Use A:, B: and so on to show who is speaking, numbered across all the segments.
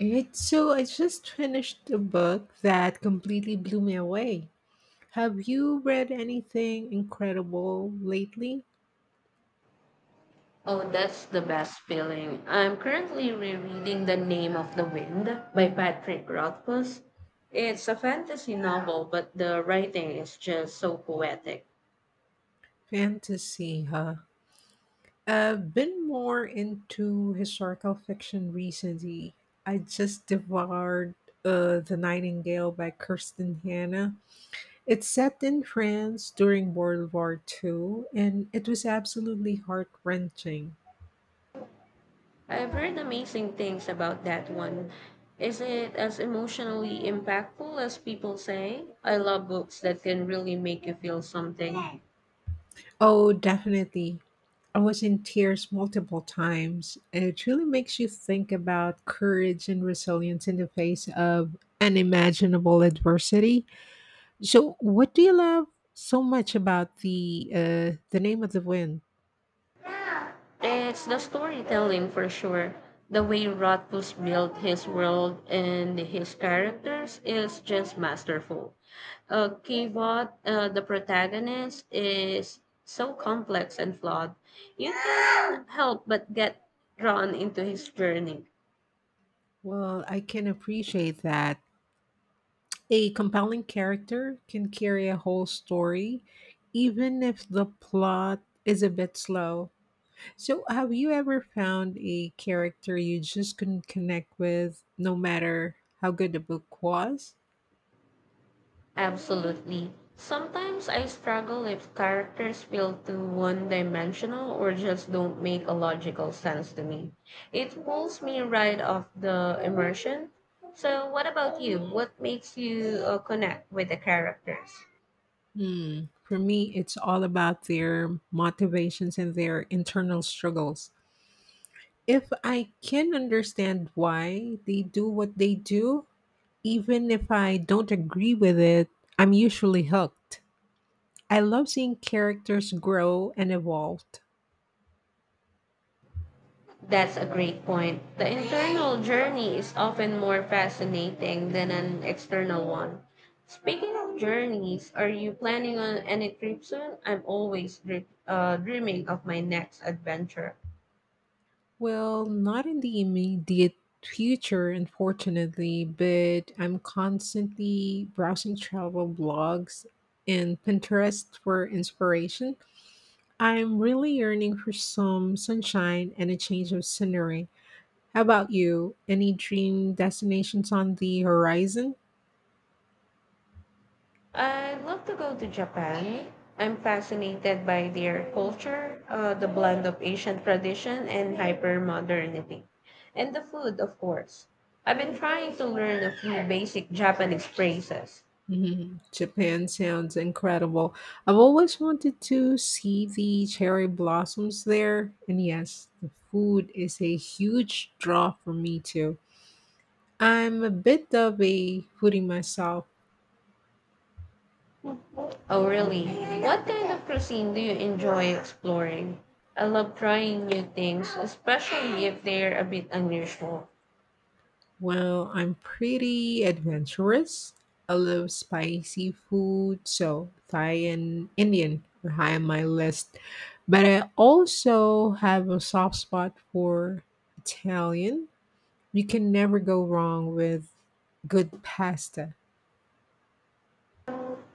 A: Right, so I just finished a book that completely blew me away. Have you read anything incredible lately?
B: Oh, that's the best feeling. I'm currently rereading The Name of the Wind by Patrick Rothfuss. It's a fantasy novel, but the writing is just so poetic.
A: Fantasy, huh? I've been more into historical fiction recently. I just devoured The Nightingale by Kirsten Hanna. It's set in France during World War Two, and it was absolutely heart wrenching.
B: I've heard amazing things about that one. Is it as emotionally impactful as people say? I love books that can really make you feel something.
A: Oh, definitely. I was in tears multiple times, and it really makes you think about courage and resilience in the face of unimaginable adversity. So, what do you love so much about the name of the wind?
B: It's the storytelling for sure. The way Rothfuss built his world and his characters is just masterful. Kivot, the protagonist, is so complex and flawed. You can help but get drawn into his journey.
A: Well, I can appreciate that. A compelling character can carry a whole story, even if the plot is a bit slow. So, have you ever found a character you just couldn't connect with, no matter how good the book was?
B: Absolutely. Sometimes I struggle if characters feel too one dimensional or just don't make a logical sense to me. It pulls me right off the immersion. So, what about you? What makes you connect with the characters?
A: Hmm. For me, it's all about their motivations and their internal struggles. If I can understand why they do what they do, even if I don't agree with it, I'm usually hooked. I love seeing characters grow and evolve.
B: That's a great point. The internal journey is often more fascinating than an external one. Speaking of journeys, are you planning on any trip soon? I'm always dreaming of my next adventure.
A: Well, not in the immediate future, unfortunately, but I'm constantly browsing travel blogs and Pinterest for inspiration. I'm really yearning for some sunshine and a change of scenery. How about you? Any dream destinations on the horizon?
B: I'd love to go to Japan. I'm fascinated by their culture, the blend of Asian tradition and hyper modernity, and the food, of course. I've been trying to learn a few basic Japanese phrases.
A: Mhm. Japan sounds incredible. I've always wanted to see the cherry blossoms there. And yes, the food is a huge draw for me too. I'm a bit of a foodie myself.
B: Oh, really? What kind of cuisine do you enjoy exploring? I love trying new things, especially if they're a bit unusual.
A: Well, I'm pretty adventurous. I love spicy food, so Thai and Indian are high on my list. But I also have a soft spot for Italian. You can never go wrong with good pasta.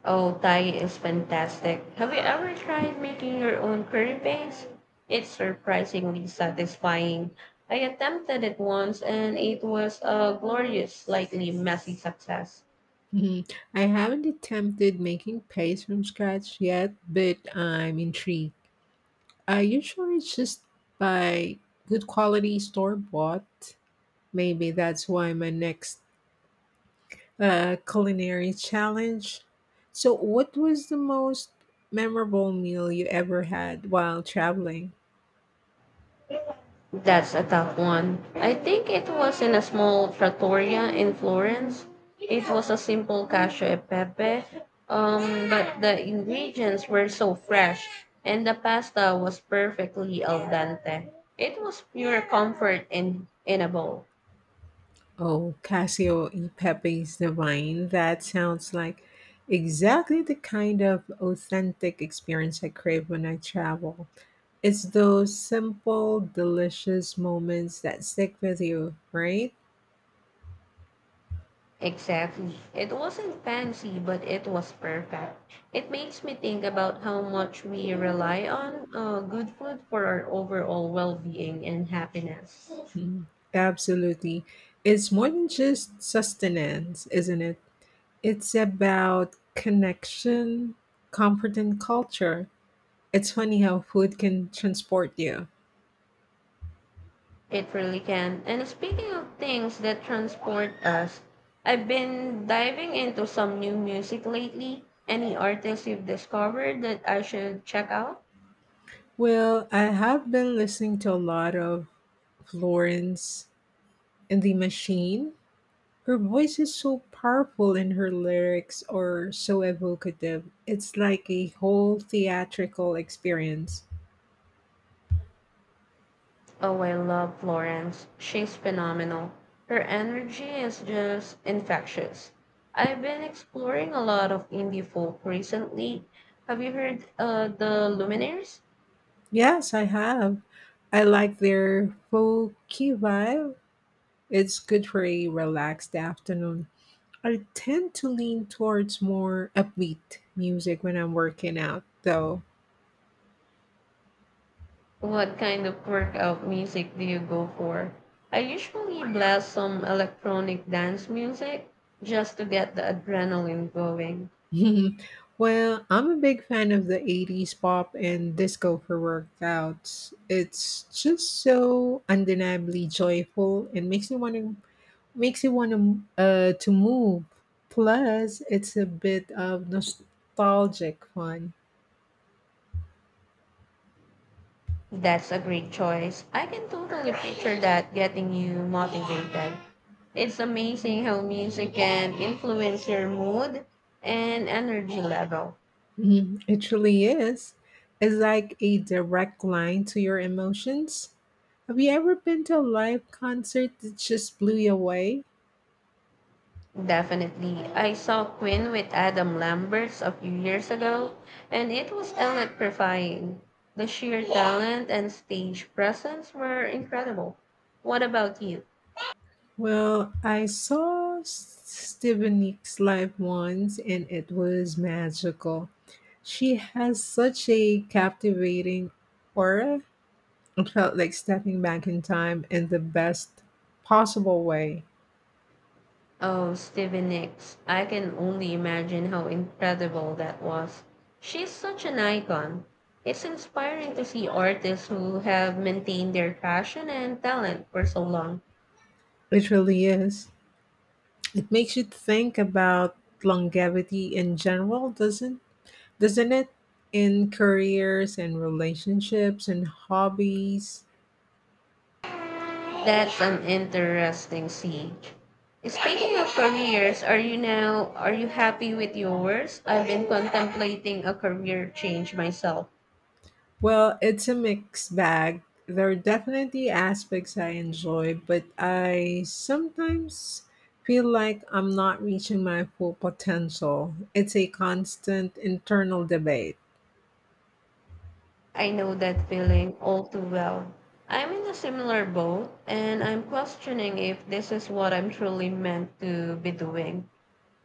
B: Oh, Thai is fantastic. Have you ever tried making your own curry paste? It's surprisingly satisfying. I attempted it once and it was a glorious, slightly messy success.
A: Mhm. I haven't attempted making paste from scratch yet, but I'm intrigued. I usually just buy good quality store bought. Maybe that's why my next culinary challenge. So, what was the most memorable meal you ever had while traveling?
B: That's a tough one. I think it was in a small trattoria in Florence. It was a simple cacio e pepe, but the ingredients were so fresh, and the pasta was perfectly al dente. It was pure comfort in a bowl.
A: Oh, Casio e Pepe's Divine. That sounds like exactly the kind of authentic experience I crave when I travel. It's those simple, delicious moments that stick with you, right?
B: Exactly. It wasn't fancy, but it was perfect. It makes me think about how much we rely on good food for our overall well being and happiness.
A: Mhm. Absolutely. It's more than just sustenance, isn't it? It's about connection, comfort, and culture. It's funny how food can transport you.
B: It really can. And speaking of things that transport us, I've been diving into some new music lately. Any artists you've discovered that I should check out?
A: Well, I have been listening to a lot of Florence and the Machine. Her voice is so powerful and her lyrics are so evocative. It's like a whole theatrical experience.
B: Oh, I love Florence. She's phenomenal. Her energy is just infectious. I've been exploring a lot of indie folk recently. Have you heard the Luminaires?
A: Yes, I have. I like their folky vibe. It's good for a relaxed afternoon. I tend to lean towards more upbeat music when I'm working out, though.
B: What kind of workout music do you go for? I usually blast some electronic dance music just to get the adrenaline going.
A: Well, I'm a big fan of the 80s pop and disco for workouts. It's just so undeniably joyful and makes you want to makes you want to move. Plus, it's a bit of nostalgic fun.
B: That's a great choice. I can totally picture that getting you motivated. It's amazing how music can influence your mood and energy level.
A: Mhm. It truly is. It's like a direct line to your emotions. Have you ever been to a live concert that just blew you away?
B: Definitely. I saw Quinn with Adam Lambert a few years ago, and it was electrifying. The sheer talent and stage presence were incredible. What about you?
A: Well, I saw Steven Nicks live once and it was magical. She has such a captivating aura. It felt like stepping back in time in the best possible way.
B: Oh, Stevie Nicks. I can only imagine how incredible that was. She's such an icon. It's inspiring to see artists who have maintained their passion and talent for so long.
A: It really is. It makes you think about longevity in general, doesn't it? In careers and relationships and hobbies.
B: That's an interesting scene. Speaking of careers, are you happy with yours? I've been contemplating a career change myself.
A: Well, it's a mixed bag. There are definitely aspects I enjoy, but I sometimes feel like I'm not reaching my full potential. It's a constant internal debate.
B: I know that feeling all too well. I'm in a similar boat and I'm questioning if this is what I'm truly meant to be doing.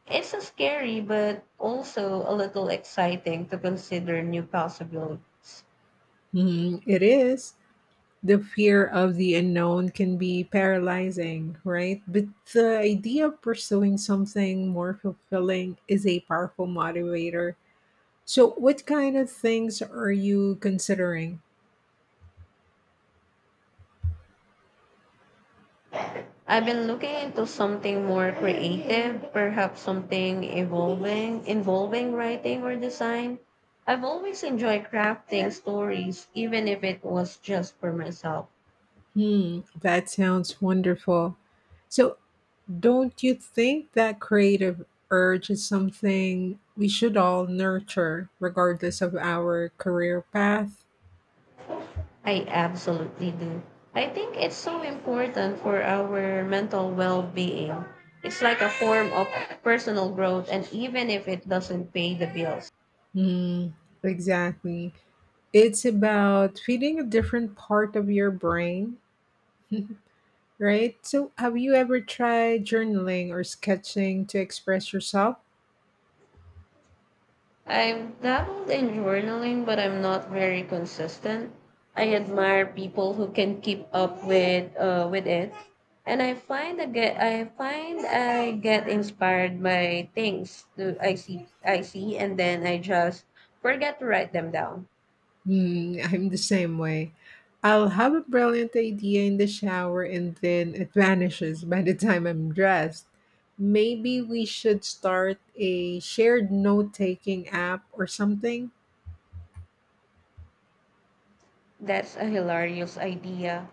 B: It's a scary but also a little exciting to consider new possibilities.
A: Mhm, it is. The fear of the unknown can be paralyzing, right? But the idea of pursuing something more fulfilling is a powerful motivator. So, what kind of things are you considering?
B: I've been looking into something more creative, perhaps something evolving involving writing or design. I've always enjoyed crafting stories, even if it was just for myself.
A: Hmm, that sounds wonderful. So, don't you think that creative urge is something we should all nurture, regardless of our career path?
B: I absolutely do. I think it's so important for our mental well being. It's like a form of personal growth, and even if it doesn't pay the bills,
A: Hmm, exactly. It's about feeding a different part of your brain, right? So, have you ever tried journaling or sketching to express yourself?
B: I've dabbled in journaling, but I'm not very consistent. I admire people who can keep up with it, and I find I get inspired by things that I see, and then I just forget to write them down.
A: Hmm, I'm the same way. I'll have a brilliant idea in the shower and then it vanishes by the time I'm dressed. Maybe we should start a shared note taking app or something.
B: That's a hilarious idea.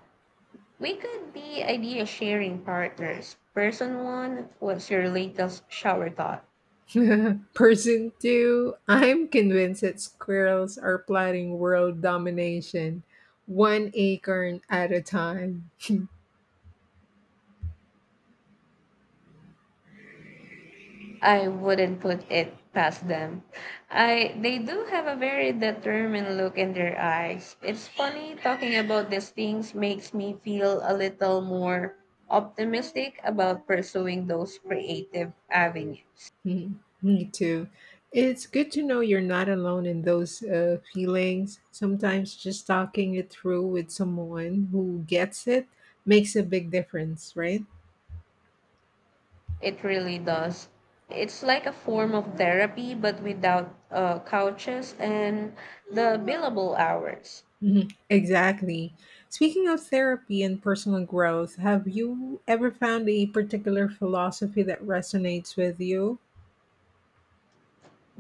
B: We could be idea sharing partners. Person one, what's your latest shower thought?
A: Person 2, I'm convinced that squirrels are plotting world domination, one acorn at a time.
B: I wouldn't put it past them. I they do have a very determined look in their eyes. It's funny talking about these things makes me feel a little more optimistic about pursuing those creative avenues.
A: Mm, me too. It's good to know you're not alone in those feelings. Sometimes just talking it through with someone who gets it makes a big difference, right?
B: It really does. It's like a form of therapy but without couches and the billable hours.
A: Mhm. Exactly. Speaking of therapy and personal growth, have you ever found a particular philosophy that resonates with you?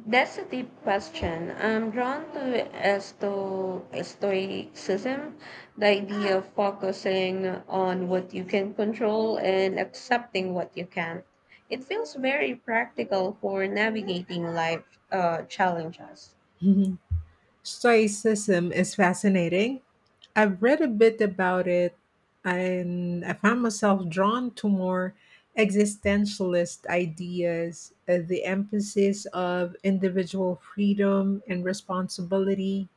B: That's a deep question. I'm drawn to stoicism, the idea of focusing on what you can control and accepting what you can't. It feels very practical for navigating life challenges.
A: Stoicism is fascinating. I've read a bit about it and I found myself drawn to more existentialist ideas, the emphasis of individual freedom and responsibility.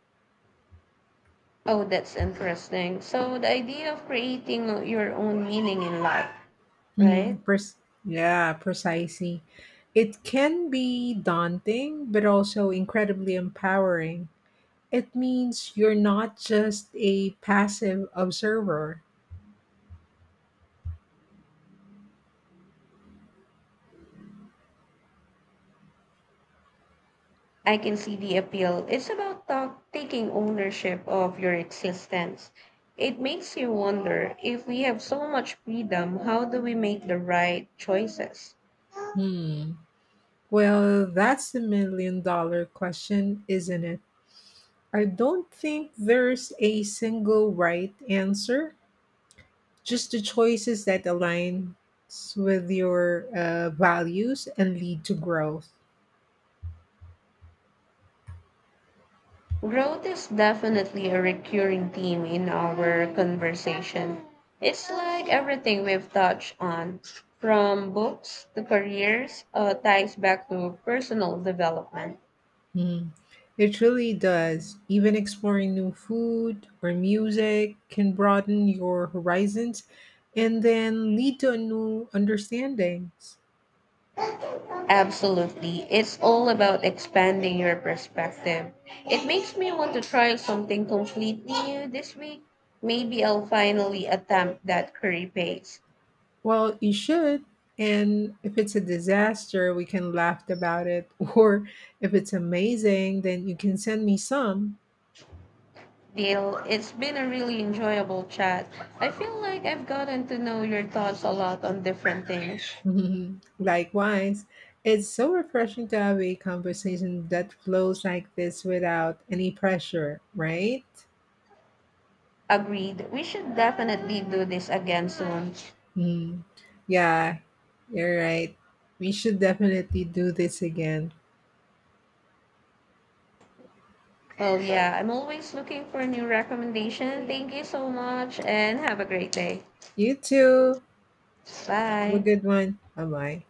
B: Oh, that's interesting. So, the idea of creating your own meaning in life, right?
A: Mhm, pers- yeah, precisely. It can be daunting, but also incredibly empowering. It means you're not just a passive observer.
B: I can see the appeal. It's about taking ownership of your existence. It makes you wonder if we have so much freedom, how do we make the right choices?
A: Hmm. Well, that's the million-dollar question, isn't it? I don't think there's a single right answer, just the choices that aligns with your values and lead to growth.
B: Growth is definitely a recurring theme in our conversation. It's like everything we've touched on, from books to careers, ties back to personal development.
A: Mhm. It really does. Even exploring new food or music can broaden your horizons and then lead to a new understandings.
B: Absolutely. It's all about expanding your perspective. It makes me want to try something completely new this week. Maybe I'll finally attempt that curry paste.
A: Well, you should. And if it's a disaster, we can laugh about it. Or if it's amazing, then you can send me some.
B: Deal, it's been a really enjoyable chat. I feel like I've gotten to know your thoughts a lot on different things.
A: Mhm. Likewise, it's so refreshing to have a conversation that flows like this without any pressure, right?
B: Agreed. We should definitely do this again soon.
A: Mm. Yeah, you're right. We should definitely do this again.
B: Well, yeah, I'm always looking for new recommendation. Thank you so much and have a great day.
A: You too. Have a
B: Bye.
A: good one. Bye bye.